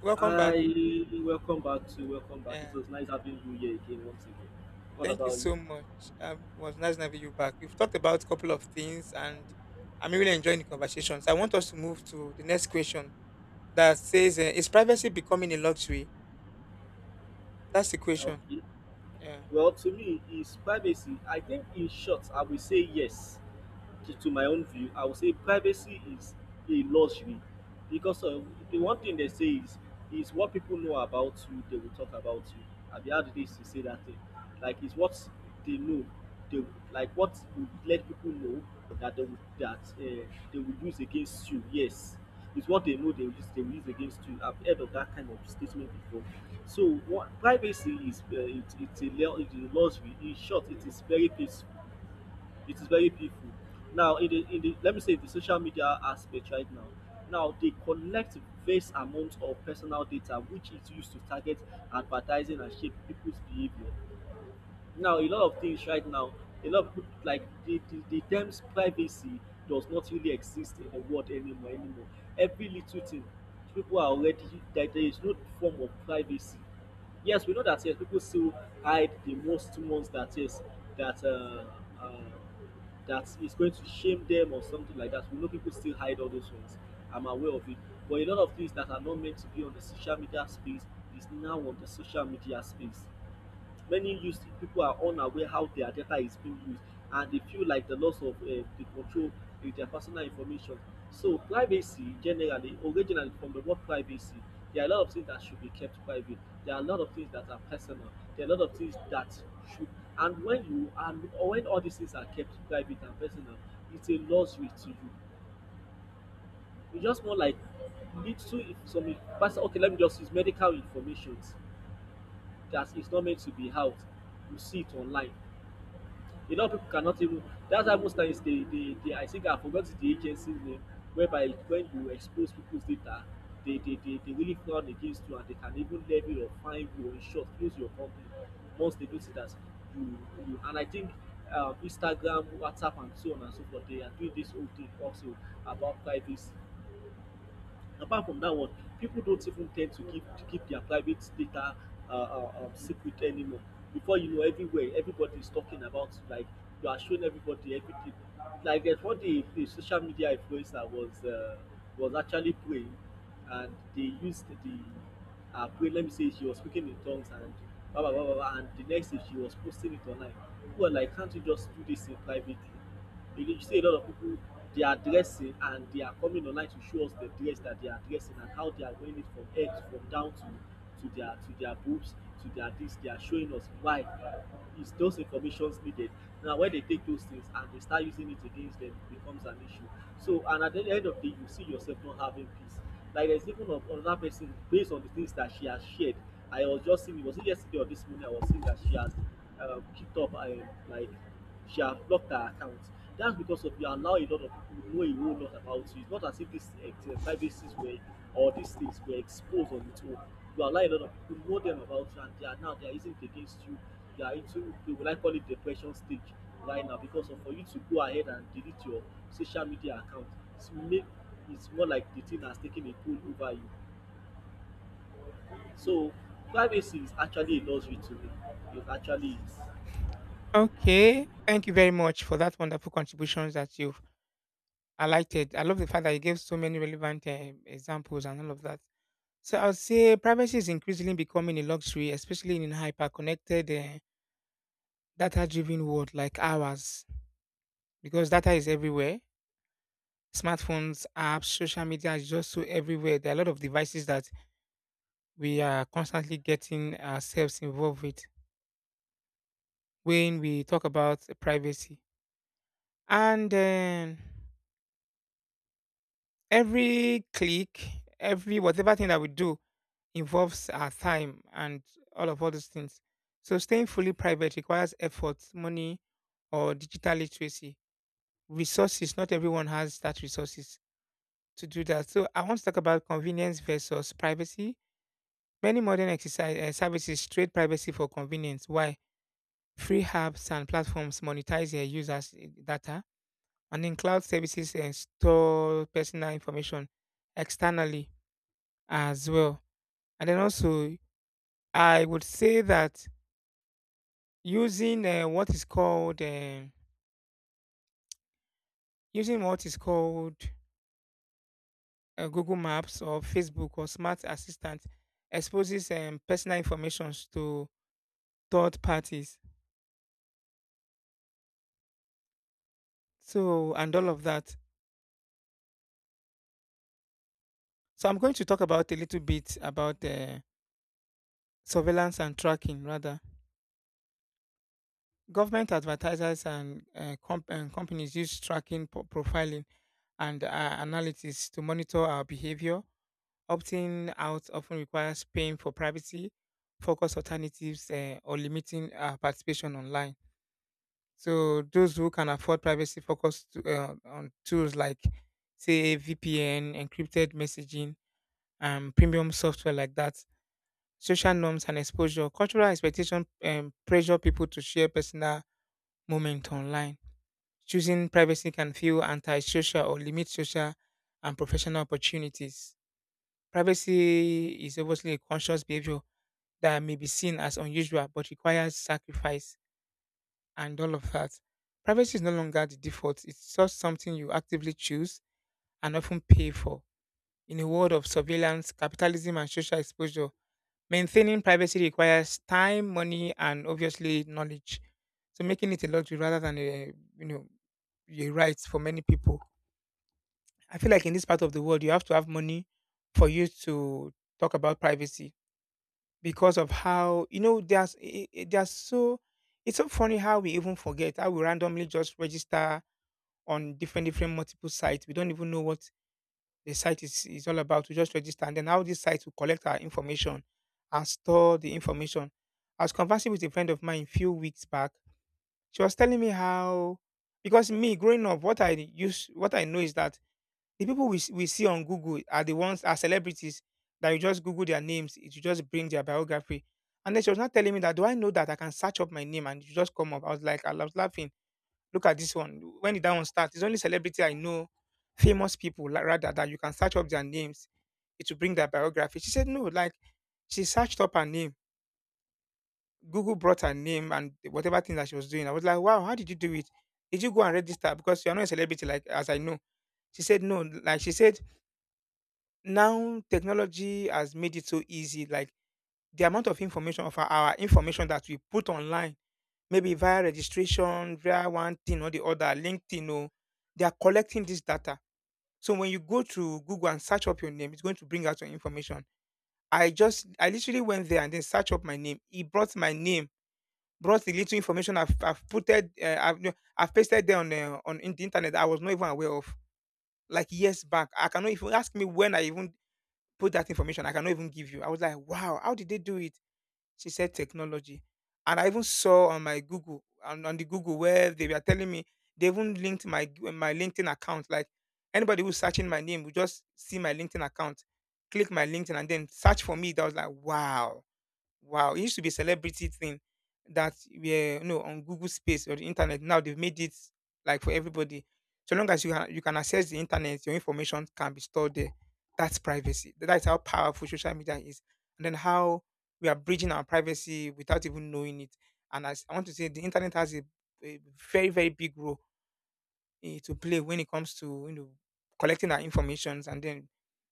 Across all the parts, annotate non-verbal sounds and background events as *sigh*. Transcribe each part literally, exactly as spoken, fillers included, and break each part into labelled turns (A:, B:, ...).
A: Welcome back.
B: Hi, welcome back to welcome back. It
A: Yeah,
B: was nice having you here again once again. What
A: thank you
B: about you?
A: so much. Um, it was nice having you back. We've talked about a couple of things, and I'm really enjoying the conversation. So I want us to move to the next question that says, uh, "Is privacy becoming a luxury?" That's the question.
B: Okay.
A: Yeah.
B: Well, to me, is privacy. I think in short, I will say yes. to, to my own view, I would say privacy is a luxury because of the one thing they say is is what people know about you, they will talk about you. Have you heard this to say that thing? Like it's what they know, they like what would let people know that they will, that uh, they will use against you. Yes, it's what they know they will use they will use against you. I've heard of that kind of statement before. So what privacy is uh, it, it's a lu- it's a luxury. In short, it is very peaceful, it is very painful now in the in the let me say the social media aspect right now. Now they collect vast amount of personal data which is used to target advertising and shape people's behavior. Now a lot of things right now, a lot of people like the the, the terms privacy does not really exist in the world anymore anymore Every little thing people are already that there is no form of privacy. Yes, we know that. Yes, people still hide the most ones that is that uh, uh, that is going to shame them or something like that. We know people still hide all those ones. I'm aware of it, but a lot of things that are not meant to be on the social media space is now on the social media space. Many youth people are unaware how their data is being used, and they feel like the loss of uh, the control in their personal information. So privacy generally, originally from the word privacy, there are a lot of things that should be kept private. There are a lot of things that are personal. There are a lot of things that should, and when you and when all these things are kept private and personal, it's a luxury to you. It's just more like little if some person, okay, let me just use medical information that is not meant to be out. You see it online. A lot of people cannot even. That's why most times they, they, they I think I forgot the agency's name, whereby when you expose people's data, they, they, they, they really frown against you, and they can even levy or fine you or in short close your company once they notice that you, you and I think um, Instagram, WhatsApp, and so on and so forth, they are doing this whole thing also about privacy. Apart from that one, people don't even tend to keep to keep their private data uh, uh, um, secret anymore. Before you know, everywhere everybody is talking about like you are showing everybody everything. Like there's what the, the social media influencer was uh, was actually praying, and they used the uh, prayer. Let me say she was speaking in tongues and blah blah blah blah, blah, and the next day she was posting it online. People were like, can't you just do this in privately? You see a lot of people, they are dressing and they are coming online to show us the dress that they are dressing and how they are wearing it from head from down to to their to their boobs to their this. They are showing us, why is those informations needed? Now when they take those things and they start using it against them, it becomes an issue. So and at the end of the day, you see yourself not having peace. Like there's even a- another person based on the things that she has shared. I was just seeing, was it yesterday or this morning, I was seeing that she has uh, kept up uh, like she had blocked her account. That's because of you allow a lot of people know a whole lot about you. It's not as if these uh, privacies were or these things were exposed on its own. You allow a lot of people know them about you, and they are now they are using it against you. They are into they will like call it depression stage right now because of for you to go ahead and delete your social media account. It's make it's more like the thing has taken a toll over you. So privacy is actually a luxury to me. It actually is.
A: Okay. Thank you very much for that wonderful contributions that you've highlighted. I love the fact that you gave so many relevant uh, examples and all of that. So I would say privacy is increasingly becoming a luxury, especially in a hyper-connected, uh, data-driven world like ours because data is everywhere. Smartphones, apps, social media is just so everywhere. There are a lot of devices that we are constantly getting ourselves involved with when we talk about privacy. And um, every click, every whatever thing that we do involves our time and all of all those things. So staying fully private requires effort, money, or digital literacy. Resources, not everyone has that resources to do that. So I want to talk about convenience versus privacy. Many modern exercise eh, services trade privacy for convenience, while free apps and platforms monetize their users' eh, data, and then cloud services eh, store personal information externally as well. And then also, I would say that using uh, what is called eh, using what is called uh, Google Maps or Facebook or smart assistant exposes um, personal information to third parties. So, and all of that. So I'm going to talk about a little bit about uh, surveillance and tracking, rather. Government advertisers and, uh, comp- and companies use tracking, po- profiling, and uh, analytics to monitor our behavior. Opting out often requires paying for privacy, focus alternatives, uh, or limiting our participation online. So those who can afford privacy focus to, uh, on tools like, say, V P N, encrypted messaging, and premium software like that. Social norms and exposure. Cultural expectation um, pressure people to share personal moments online. Choosing privacy can feel antisocial or limit social and professional opportunities. Privacy is obviously a conscious behavior that may be seen as unusual but requires sacrifice and all of that. Privacy is no longer the default, it's just something you actively choose and often pay for. In a world of surveillance, capitalism, and social exposure, maintaining privacy requires time, money, and obviously knowledge. So making it a luxury rather than a, you know a right for many people. I feel like in this part of the world, you have to have money for you to talk about privacy because of how, you know, there's i- i- there's so, it's so funny how we even forget how we randomly just register on different different multiple sites. We don't even know what the site is, is all about, to just register, and then how this site will collect our information and store the information. I was conversing with a friend of mine a few weeks back. She was telling me how, because me growing up, what I use what I know is that the people we, s- we see on Google are the ones are celebrities, that you just Google their names, it will just bring their biography. And then she was not telling me that, do I know that I can search up my name and it will just come up. I was like, I was laughing. Look at this one. When did that one start? It's only celebrity I know, famous people like, rather, that you can search up their names, it will bring that biography. She said, no, like she searched up her name. Google brought her name and whatever thing that she was doing. I was like, wow, how did you do it? Did you go and register? Because you're not a celebrity, like as I know. She said, no. Like she said, now technology has made it so easy. Like the amount of information of our, our information that we put online, maybe via registration, via one thing or the other, LinkedIn, or they are collecting this data. So when you go to Google and search up your name, it's going to bring out your information. I just I literally went there and then searched up my name. He brought my name, brought the little information I've I've putted, uh, I've no, I've pasted there on uh, on in the internet, that I was not even aware of, like years back. I cannot even, ask me when I even put that information, I cannot even give you. I was like, wow, how did they do it? She said technology, and I even saw on my Google, on, on the Google, where they were telling me they even linked my my LinkedIn account. Like anybody who's searching my name will just see my LinkedIn account, click my LinkedIn, and then search for me. That was like, wow. Wow, it used to be a celebrity thing that were, you know, on Google Space or the internet. Now they've made it like for everybody. So long as you ha- you can access the internet, your information can be stored there. That's privacy. That's how powerful social media is, and then how we are bridging our privacy without even knowing it. And as I want to say, the internet has a, a very very big role eh, to play when it comes to, you know, collecting our informations, and then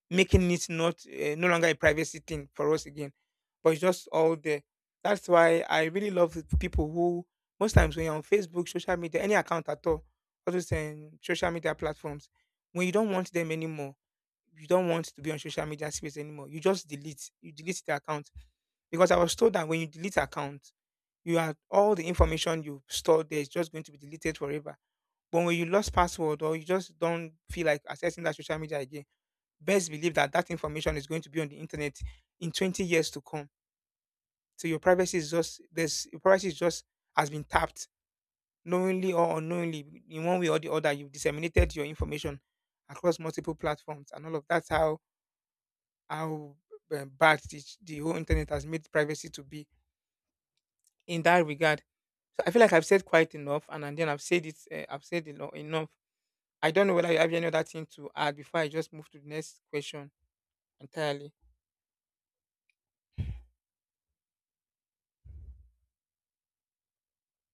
A: making it not uh, no longer a privacy thing for us again, but it's just all there. That's why I really love the people who, most times when you're on Facebook, social media, any account at all, other than social media platforms, when you don't want them anymore, you don't want to be on social media space anymore, you just delete, you delete the account. Because I was told that when you delete account, you have all the information you stored there is just going to be deleted forever. But when you lost password or you just don't feel like accessing that social media again, best believe that that information is going to be on the internet in twenty years to come. So your privacy is just, there's your privacy is just has been tapped, knowingly or unknowingly. In one way or the other, you've disseminated your information across multiple platforms and all of That's how, how um, bad the, the whole internet has made privacy to be in that regard. So I feel like I've said quite enough, and, and then I've said it. Uh, I've said eno- enough. I don't know whether you have any other thing to add before I just move to the next question entirely.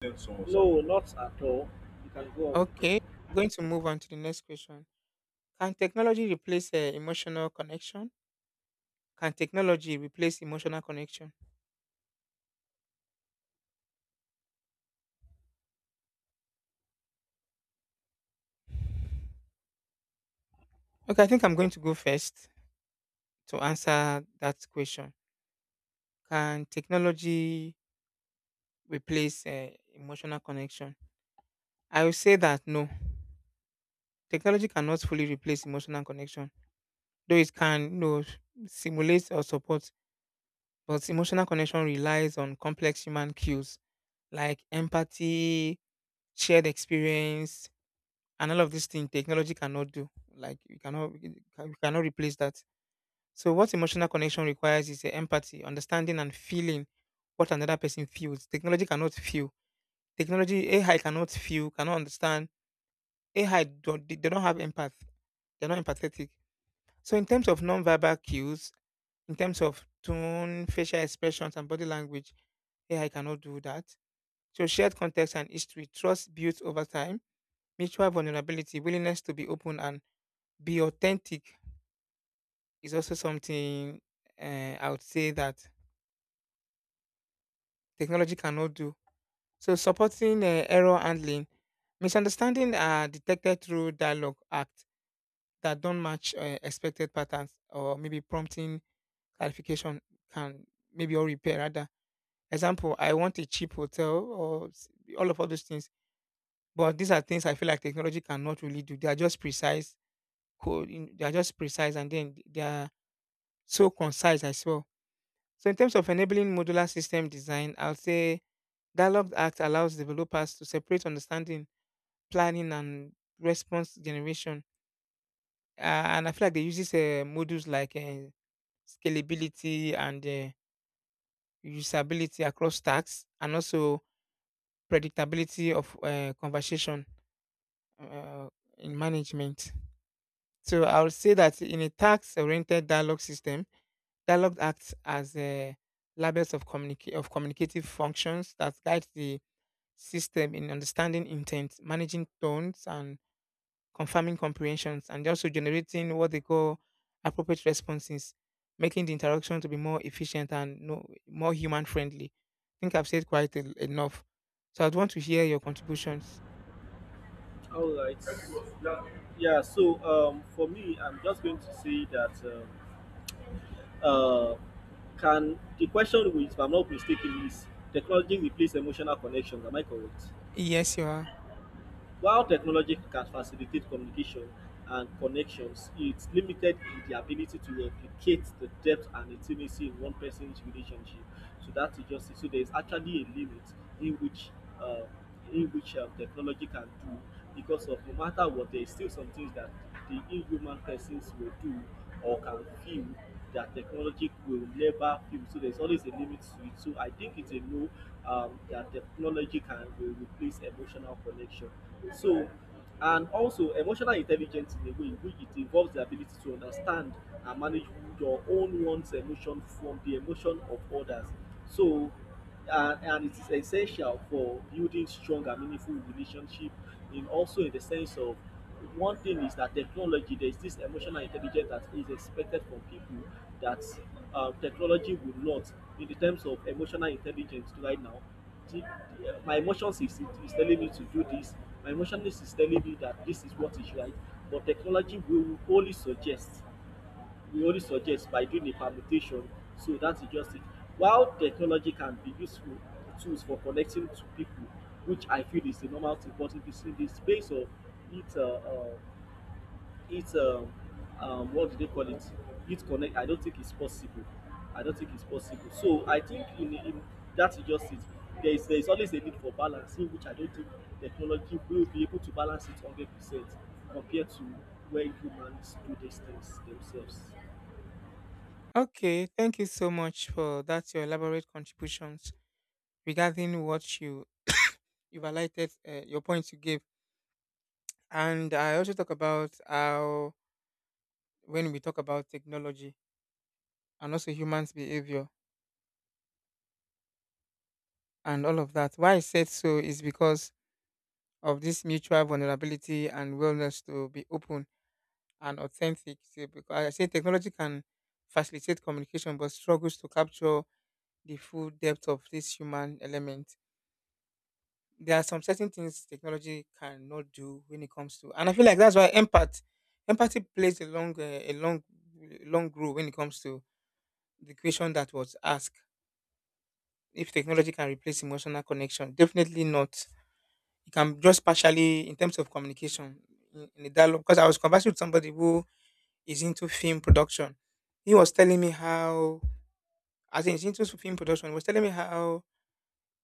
B: Tell someone no, not at all. You can go on with the
A: Okay,
B: question.
A: I'm going to move on to the next question. Can technology replace uh, emotional connection? Can technology replace emotional connection? Okay, I think I'm going to go first to answer that question. Can technology replace uh, emotional connection? I will say that no, technology cannot fully replace emotional connection, though it can, you know, simulate or support. But emotional connection relies on complex human cues like empathy, shared experience, and all of these things, technology cannot do. Like you cannot, you ca- you cannot replace that. So what emotional connection requires is uh, empathy, understanding, and feeling what another person feels. Technology cannot feel. Technology, AI cannot feel, cannot understand. AI don't, they they don't have empath, they're not empathetic. So in terms of non-verbal cues, in terms of tone, facial expressions, and body language, AI cannot do that. So shared context and history, trust built over time, mutual vulnerability, willingness to be open and be authentic is also something uh, I would say that technology cannot do. So supporting uh, error handling, misunderstanding are detected through dialogue act that don't match uh, expected patterns, or maybe prompting clarification can, maybe, or repair rather. Example, I want a cheap hotel or s- all of all those things. But these are things I feel like technology cannot really do. They are just precise, code, they are just precise, and then they are so concise as well. So in terms of enabling modular system design, I would say Dialogue Act allows developers to separate understanding, planning, and response generation. Uh, and I feel like they uses uh, modules like uh, scalability and uh, usability across tasks, and also predictability of uh, conversation uh, in management. So I would say that in a task-oriented dialogue system, Dialogue acts as a labels of communica- of communicative functions that guide the system in understanding intent, managing tones, and confirming comprehensions, and also generating what they call appropriate responses, making the interaction to be more efficient and, no, more human friendly. I think I've said quite en- enough. So I'd want to hear your contributions.
B: All right. Yeah. So um, for me, I'm just going to say that um, uh, can the question, which if I'm not mistaken, is technology replace emotional connections? Am I correct?
A: Yes, you are.
B: While technology can facilitate communication and connections, it's limited in the ability to replicate the depth and intimacy in one person's relationship. So that is just it. So there is actually a limit in which uh, in which um, technology can do because of no matter what, there is still some things that the inhuman persons will do or can feel that technology will never fill. So there's always a limit to it. So I think it's a no um, that technology can will replace emotional connection. So and also emotional intelligence in a way in which it involves the ability to understand and manage your own one's emotion from the emotion of others. So and, and it is essential for building strong and meaningful relationship in also in the sense of one thing is that technology there is this emotional intelligence that is expected from people that um, technology will not in the terms of emotional intelligence right now the, the, uh, my emotions is, is telling me to do this, my emotions is telling me that this is what is right, but technology will only suggest we only suggest by doing a permutation. So that is just it. While technology can be useful tools for connecting to people, which I feel is the normal thing, but if you see the space of it uh, uh, it um, um, what do they call it, it connect, I don't think it's possible. I don't think it's possible. So I think in, in that is just it. There is there is always a need for balancing, which I don't think technology will be able to balance it one hundred percent compared to when humans do these things themselves.
A: Okay, thank you so much for that, your elaborate contributions regarding what you, you've highlighted, uh, your points you gave. And I also talk about how, when we talk about technology, and also humans' behavior and all of that. Why I said so is because of this mutual vulnerability and willingness to be open and authentic. So because I say technology can facilitate communication but struggles to capture the full depth of this human element. There are some certain things technology cannot do when it comes to, and I feel like that's why empath empathy plays a long, uh, a long, long role when it comes to the question that was asked. If technology can replace emotional connection, definitely not, it can just partially in terms of communication in, in the dialogue because I was conversing with somebody who is into film production. He was telling me how, as in he's into film production, he was telling me how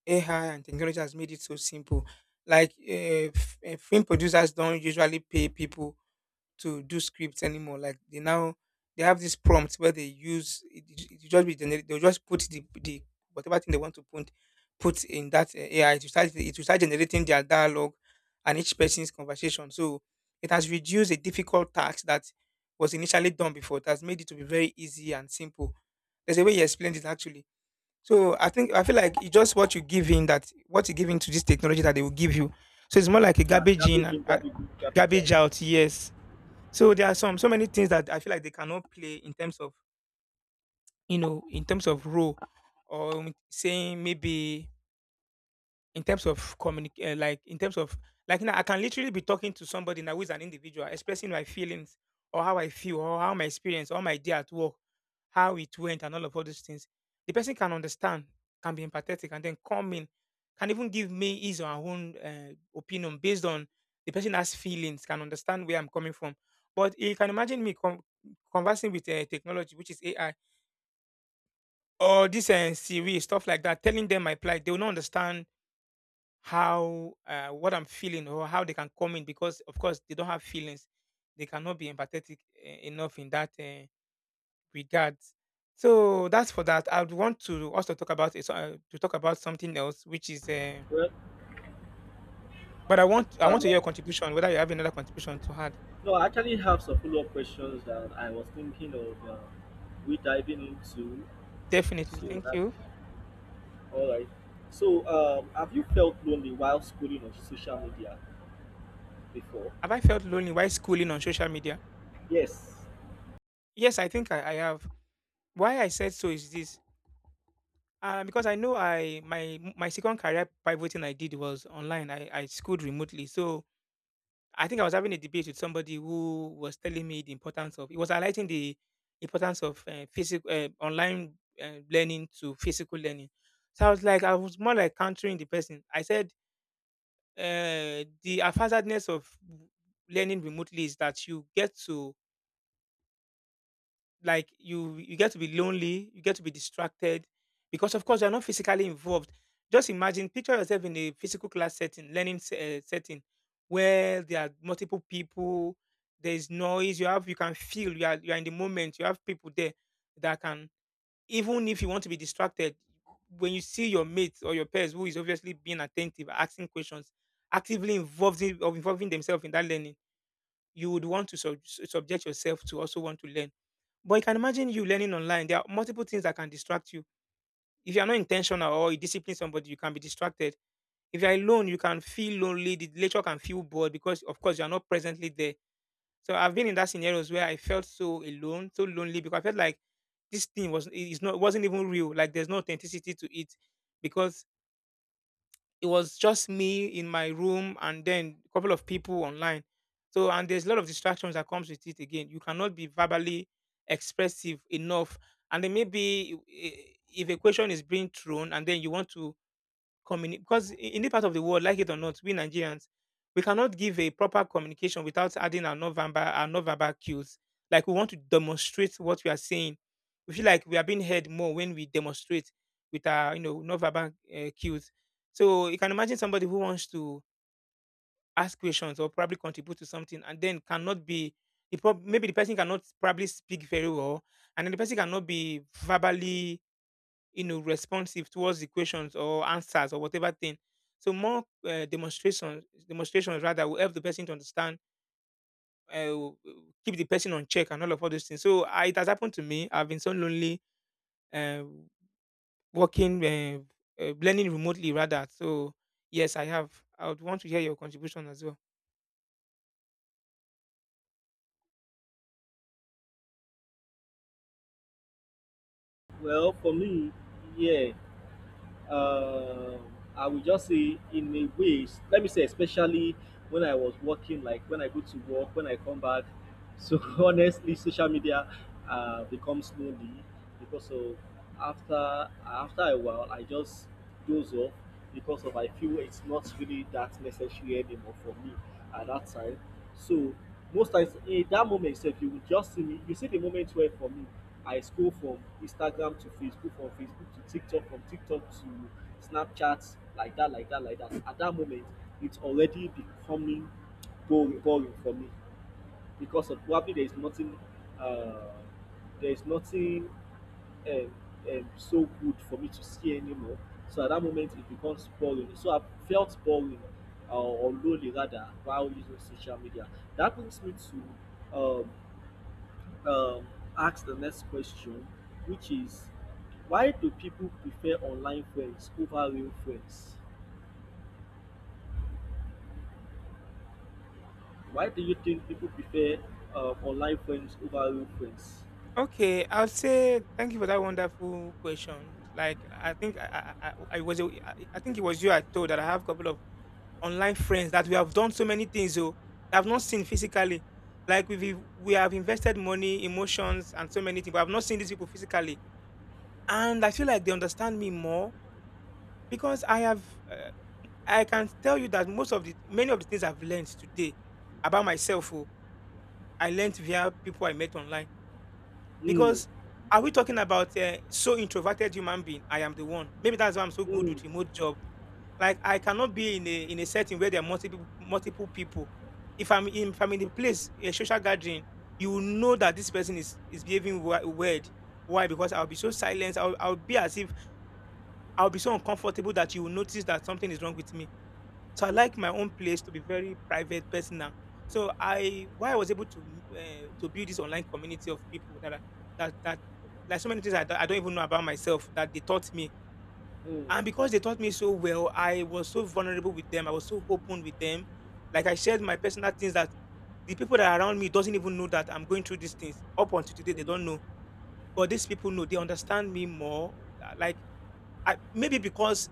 A: A I and technology has made it so simple. Like uh, f- uh, film producers don't usually pay people to do scripts anymore. Like they now they have this prompt where they use it, it it just be generated. They'll just put the the whatever thing they want to put put in that uh, A I. It will start it will start generating their dialogue and each person's conversation. So it has reduced a difficult task that was initially done before. It has made it to be very easy and simple. There's a way he explained it actually. So I think I feel like it's just what you give in, that what you give into this technology that they will give you. So it's more like a
B: Yeah,
A: garbage in
B: Gabby
A: and
B: Jim,
A: uh,
B: Gabby Good, Gabby
A: garbage
B: Jobs.
A: out. Yes, so there are some, so many things that I feel like they cannot play in terms of, you know in terms of role, or saying maybe in terms of communicate, like in terms of, like now, I can literally be talking to somebody now who is an individual, expressing my feelings or how I feel or how my experience or my day at work, how it went, and all of all those things. The person can understand, can be empathetic, and then come in, can even give me his or her own uh, opinion based on, the person has feelings, can understand where I'm coming from. But you can imagine me con conversing with uh, technology, which is A I, or this uh, Siri, stuff like that, telling them my plight. They will not understand how, uh, what I'm feeling or how they can come in because of course they don't have feelings. They cannot be empathetic uh, enough in that uh, regard. So that's for that. I'd want to also talk about it, uh, to talk about something else, which is. Uh,
B: Well,
A: but I want I want
B: um,
A: to hear your contribution. Whether you have another contribution to add,
B: no, I actually have some follow up questions that I was thinking of uh, we diving into.
A: definitely.
B: So,
A: Thank
B: that,
A: you.
B: all right. So, um, have you felt lonely while scrolling on social media before?
A: Have I felt lonely while schooling on social media?
B: Yes.
A: Yes, I think I, I have. Why I said so is this. Uh, because I know I, my my second career pivoting I did was online. I, I schooled remotely, so I think I was having a debate with somebody who was telling me the importance of. It was highlighting the importance of uh, physical, uh, online, uh, learning to physical learning. So I was like, I was more like countering the person. I said, uh, the haphazardness of learning remotely is that you get to, like you you get to be lonely, you get to be distracted because of course you're not physically involved. Just imagine, picture yourself in a physical class setting, learning se- eh, setting where there are multiple people, there is noise, you have, you can feel you are, you are in the moment, you have people there that can, even if you want to be distracted, when you see your mate or your peers who is obviously being attentive, asking questions, actively involved in, of involving themselves in that learning, you would want to sub- subject yourself to also want to learn, but you can imagine you learning online. There are multiple things that can distract you. If you are not intentional or you discipline somebody, you can be distracted. If you are alone, you can feel lonely. The lecture can feel bored because, of course, you are not presently there. So I've been in that scenarios where I felt so alone, so lonely because I felt like this thing was, it is not, wasn't even real. Like there's no authenticity to it because it was just me in my room and then a couple of people online. So, and there's a lot of distractions that comes with it again. You cannot be verbally expressive enough. And then maybe, i- i- if a question is being thrown and then you want to communi- because i- in the part of the world, like it or not, we Nigerians, we cannot give a proper communication without adding our non-verbal, our non-verbal cues. Like we want to demonstrate what we are saying. We feel like we are being heard more when we demonstrate with our, you know, non-verbal uh, cues. So you can imagine somebody who wants to ask questions or probably contribute to something and then cannot be, the prob- maybe the person cannot probably speak very well, and then the person cannot be verbally, you know responsive towards the questions or answers or whatever thing, so more uh, demonstrations demonstrations rather, will help the person to understand, uh, will- will keep the person on check and all of all those things. So I, it has happened to me. I've been so lonely uh, working uh, uh, learning remotely rather, so yes I have. I would want to hear your contribution as well.
B: Well, for me, yeah. uh, I will just say in a way, s- let me say, especially when I was working, like when I go to work, when I come back. So *laughs* honestly, social media uh, becomes lonely because of after after a while, I just doze off because of I feel it's not really that necessary anymore for me at that time. So most times in that moment itself, you will just see me. You see the moment where for me. I scroll from Instagram to Facebook, from Facebook to TikTok, from TikTok to Snapchat, like that, like that, like that. At that moment, it's already becoming boring, boring for me because of probably there is nothing, uh, there is nothing um, um, so good for me to see anymore. So at that moment, it becomes boring. So I felt boring uh, or lonely rather while using social media. That brings me to um, um, ask the next question, which is why do people prefer online friends over real friends? Why do you think people prefer um, online friends over real friends?
A: Okay, I'll say thank you for that wonderful question. Like I think I I, I I was a- I I think it was you I told that I have a couple of online friends that we have done so many things, oh, that I've not seen physically. Like we we have invested money, emotions, and so many things, but I've not seen these people physically, and I feel like they understand me more because I have, uh, I can tell you that most of the many of the things I've learned today about myself, oh, I learned via people I met online.
B: Hmm.
A: Because, are we talking about uh, so introverted human being? I am the one. Maybe that's why I'm so good
B: Hmm.
A: with remote job. Like I cannot be in a in a setting where there are multiple multiple people. If I'm in if I'm in a place, a social gathering, you will know that this person is is behaving wi- weird. Why? Because I'll be so silent. I'll I'll be as if, I'll be so uncomfortable that you will notice that something is wrong with me. So I like my own place to be very private, personal. So I, why I was able to uh, to build this online community of people that are, that that like so many things I, don't- I don't even know about myself that they taught me,
B: Hmm.
A: and because they taught me so well, I was so vulnerable with them. I was so open with them. Like I shared my personal things, that the people that are around me doesn't even know that I'm going through these things. Up until today, they don't know,
B: Hmm.
A: but these people know. They understand me more. uh, Like I, maybe because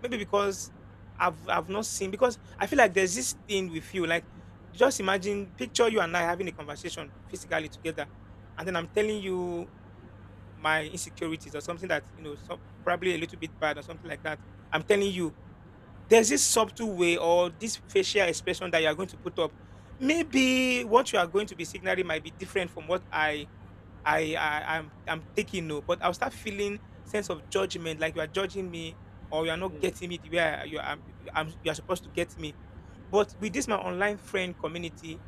A: maybe because I've, I've not seen, because I feel like there's this thing with you. Like just imagine, picture you and I having a conversation physically together, and then I'm telling you my insecurities or something that, you know, some, probably a little bit bad or something like that. I'm telling you, there's this subtle way or this facial expression that you are going to put up. Maybe what you are going to be signaling might be different from what I I, I I'm I'm taking. No, but I'll start feeling sense of judgment, like you are judging me or you are not
B: Hmm.
A: getting me the way I- you are you I'm, you are supposed to get me. But with this my online friend community,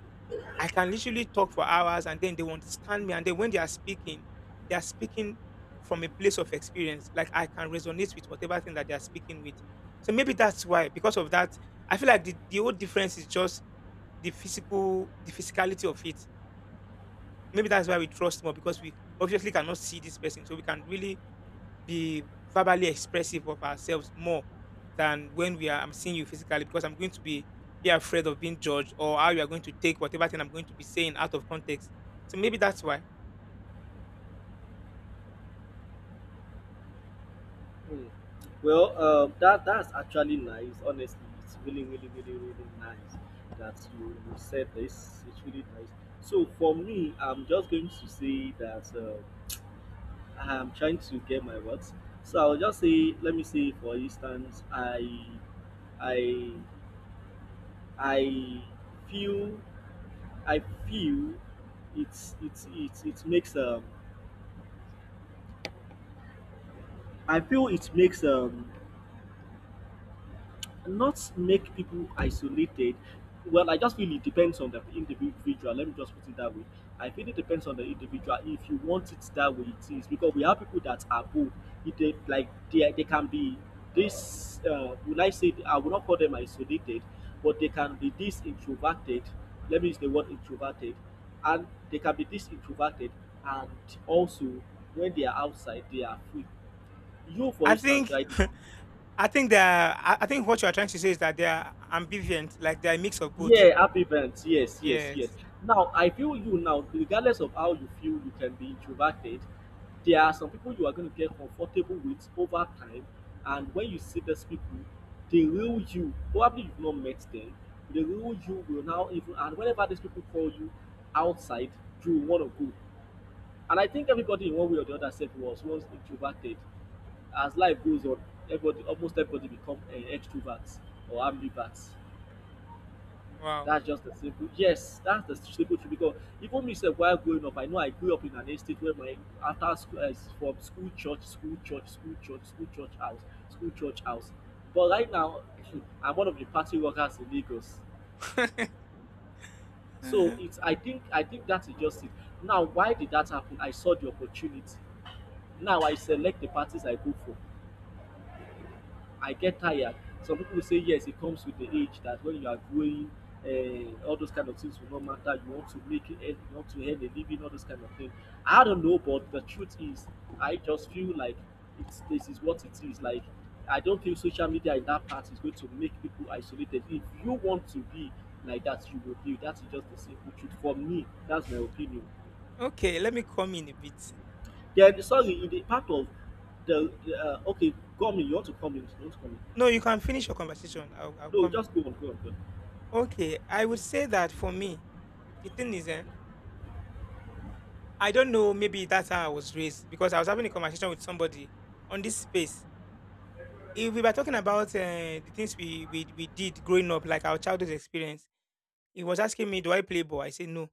A: I can literally talk for hours and then they will understand me. And then when they are speaking, they are speaking from a place of experience. Like I can resonate with whatever thing that they are speaking with. So maybe that's why, because of that, I feel like the, the whole difference is just the physical, the physicality of it. Maybe that's why we trust more because we obviously cannot see this person. So we can really be verbally expressive of ourselves more than when we are, I'm seeing you physically because I'm going to be be afraid of being judged or how you are going to take whatever thing I'm going to be saying out of context. So maybe that's why.
B: Hmm. Well, um, that that's actually nice. Honestly, it's really, really, really, really nice that you, you said this. It's really nice. So for me, I'm just going to say that. Um, I'm trying to get my words. So I'll just say, let me say, for instance, I, I, I feel, I feel, it's it's it's it makes um, I feel it makes um not make people isolated. Well, I just feel it depends on the individual. Let me just put it that way. I feel it depends on the individual. If you want it that way, it is because we have people that are both. If they like they, they can be this. Uh, when I say I will not call them isolated, but they can be this introverted. Let me use the word introverted, and they can be this introverted, and also when they are outside, they are free. You, for
A: I
B: instance,
A: think
B: right now
A: *laughs* I think there are, I I think what you are trying to say is that they are ambivalent, like they are a mix of both.
B: yeah, happy events. Yes, yes, yes.
A: Yes.
B: Now, I feel you now, regardless of how you feel you can be introverted, there are some people you are going to get comfortable with over time. And when you see those people, the real you, probably you've not met them, the real you will now even, and whenever these people call you outside, you want to go. And I think everybody in one way or the other said was once introverted. As life goes on, everybody, almost everybody become uh, extroverts or ambiverts.
A: Wow.
B: That's just the simple yes, that's the simple truth because even me sef while growing up, I know I grew up in an estate where my after school eh, from school church, school church, school church, school church house, school church house. But right now *laughs* I'm one of the party workers in Lagos.
A: *laughs*
B: So
A: Uh-huh.
B: it's I think I think that is just it. Now why did that happen? I saw the opportunity. Now I select the parties I go for. I get tired. Some people will say yes, it comes with the age that when you are growing, uh, all those kind of things will not matter. You want to make it, you want to earn a living, all those kind of things. I don't know, but the truth is, I just feel like it's this is what it is. Like I don't feel social media in that part is going to make people isolated. If you want to be like that, you will be. That is just the simple truth for me. That's my opinion.
A: Okay, let me come in a bit.
B: Then sorry, in the part of the the, uh, okay, come in. You want to come in? You want to come in?
A: No, you can finish your conversation. I'll, I'll
B: No,
A: come in.
B: just go on, go on, go on.
A: Okay, I would say that for me, the thing is, eh, I don't know. Maybe that's how I was raised because I was having a conversation with somebody on this space. If we were talking about uh, the things we, we we did growing up, like our childhood experience, he was asking me, "Do I play ball?" I said no.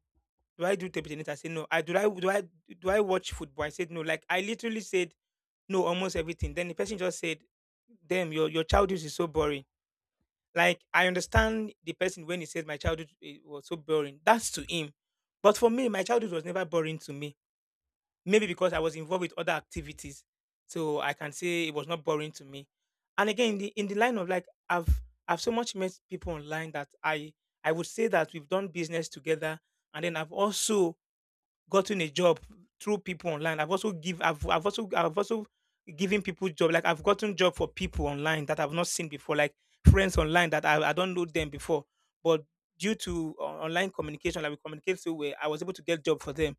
A: Do I do table tennis? I said no. I do I do I do I watch football? I said no. Like I literally said no almost everything. Then the person just said, "Damn, your your childhood is so boring." Like I understand the person when he says, my childhood eh, was so boring. That's to him, but for me, my childhood was never boring to me. Maybe because I was involved with other activities, so I can say it was not boring to me. And again, in the in the line of like I've I've so much met people online that I I would say that we've done business together, and then I've also gotten a job through people online. I've also give I've I've also I've also given people job. Like I've gotten job for people online that I've not seen before, like friends online that I, I don't know them before, but due to on- online communication, like we communicate so well, I was able to get job for them.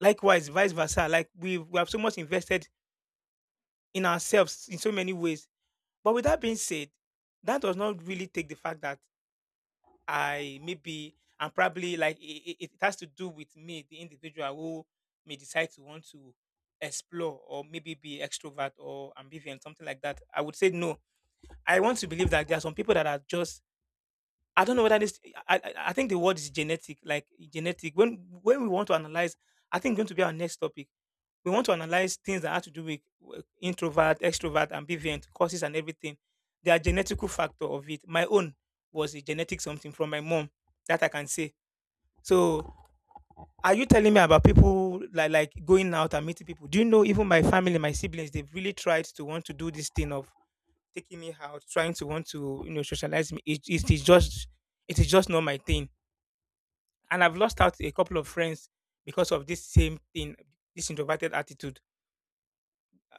A: Likewise, vice versa. Like we we have so much invested in ourselves in so many ways. But with that being said, that does not really take the fact that I maybe and probably like it, it has to do with me, the individual who may decide to want to explore or maybe be extrovert or ambivalent, something like that. I would say no. I want to believe that there are some people that are just I don't know whether this I, I I think the word is genetic, like genetic. When when we want to analyze, I think going to be our next topic we want to analyze things that have to do with with introvert, extrovert, ambivient, causes and everything. There are genetical factor of it. My own was a genetic something from my mom that I can say. So are you telling me about people like like going out and meeting people? Do you know even my family, my siblings, they've really tried to want to do this thing of taking me out, trying to want to, you know, socialize me. It, it is just it is just not my thing. And I've lost out a couple of friends because of this same thing, this introverted attitude.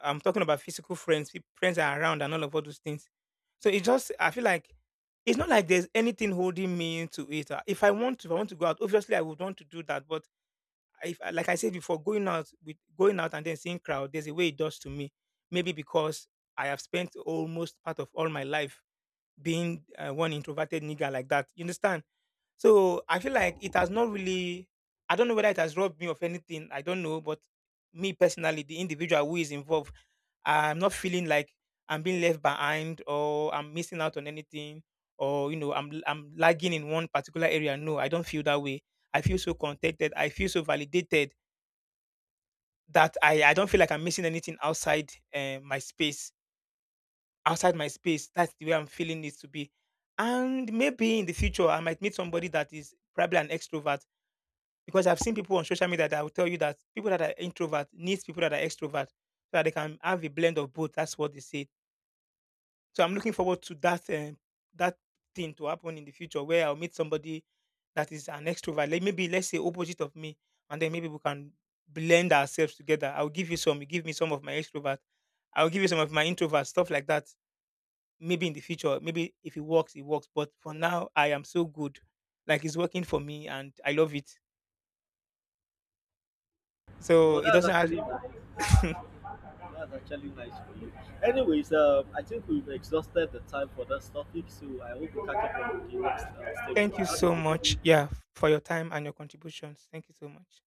A: I'm talking about physical friends, peop- friends are around and all of all those things. So it just I feel like it's not like there's anything holding me into it. Uh, If I want to, if I want to go out, obviously I would want to do that. But if, uh, like I said before, going out with going out and then seeing crowd, there's a way it does to me. Maybe because I have spent almost part of all my life being uh, one introverted nigga like that. You understand? So I feel like it has not really. I don't know whether it has robbed me of anything. I don't know, but me personally, the individual who is involved I'm not feeling like I'm being left behind or I'm missing out on anything or you know I'm i I'm lagging in one particular area. No, I don't feel that way. I feel so contented. I feel so validated that I I don't feel like I'm missing anything outside uh, my space. Outside my space, that's the way I'm feeling it to be. And maybe in the future, I might meet somebody that is probably an extrovert because I've seen people on social media that will tell you that people that are introvert needs people that are extrovert so that they can have a blend of both. That's what they say. So I'm looking forward to that um, that thing to happen in the future where I'll meet somebody that is an extrovert, like maybe let's say opposite of me, and then maybe we can blend ourselves together. I'll give you some, you give me some of my extrovert, I'll give you some of my introvert, stuff like that. Maybe in the future, maybe if it works, it works. But for now, I am so good, like it's working for me, and I love it. So
B: Well,
A: it
B: that's
A: doesn't have.
B: actually nice.
A: *laughs*
B: That's actually nice for you. Anyways, um, I think we've exhausted the time for this topic, so I hope we catch up on the next uh, station.
A: Thank you
B: How do
A: so
B: you
A: much,
B: go?
A: yeah, for your time and your contributions. Thank you so much.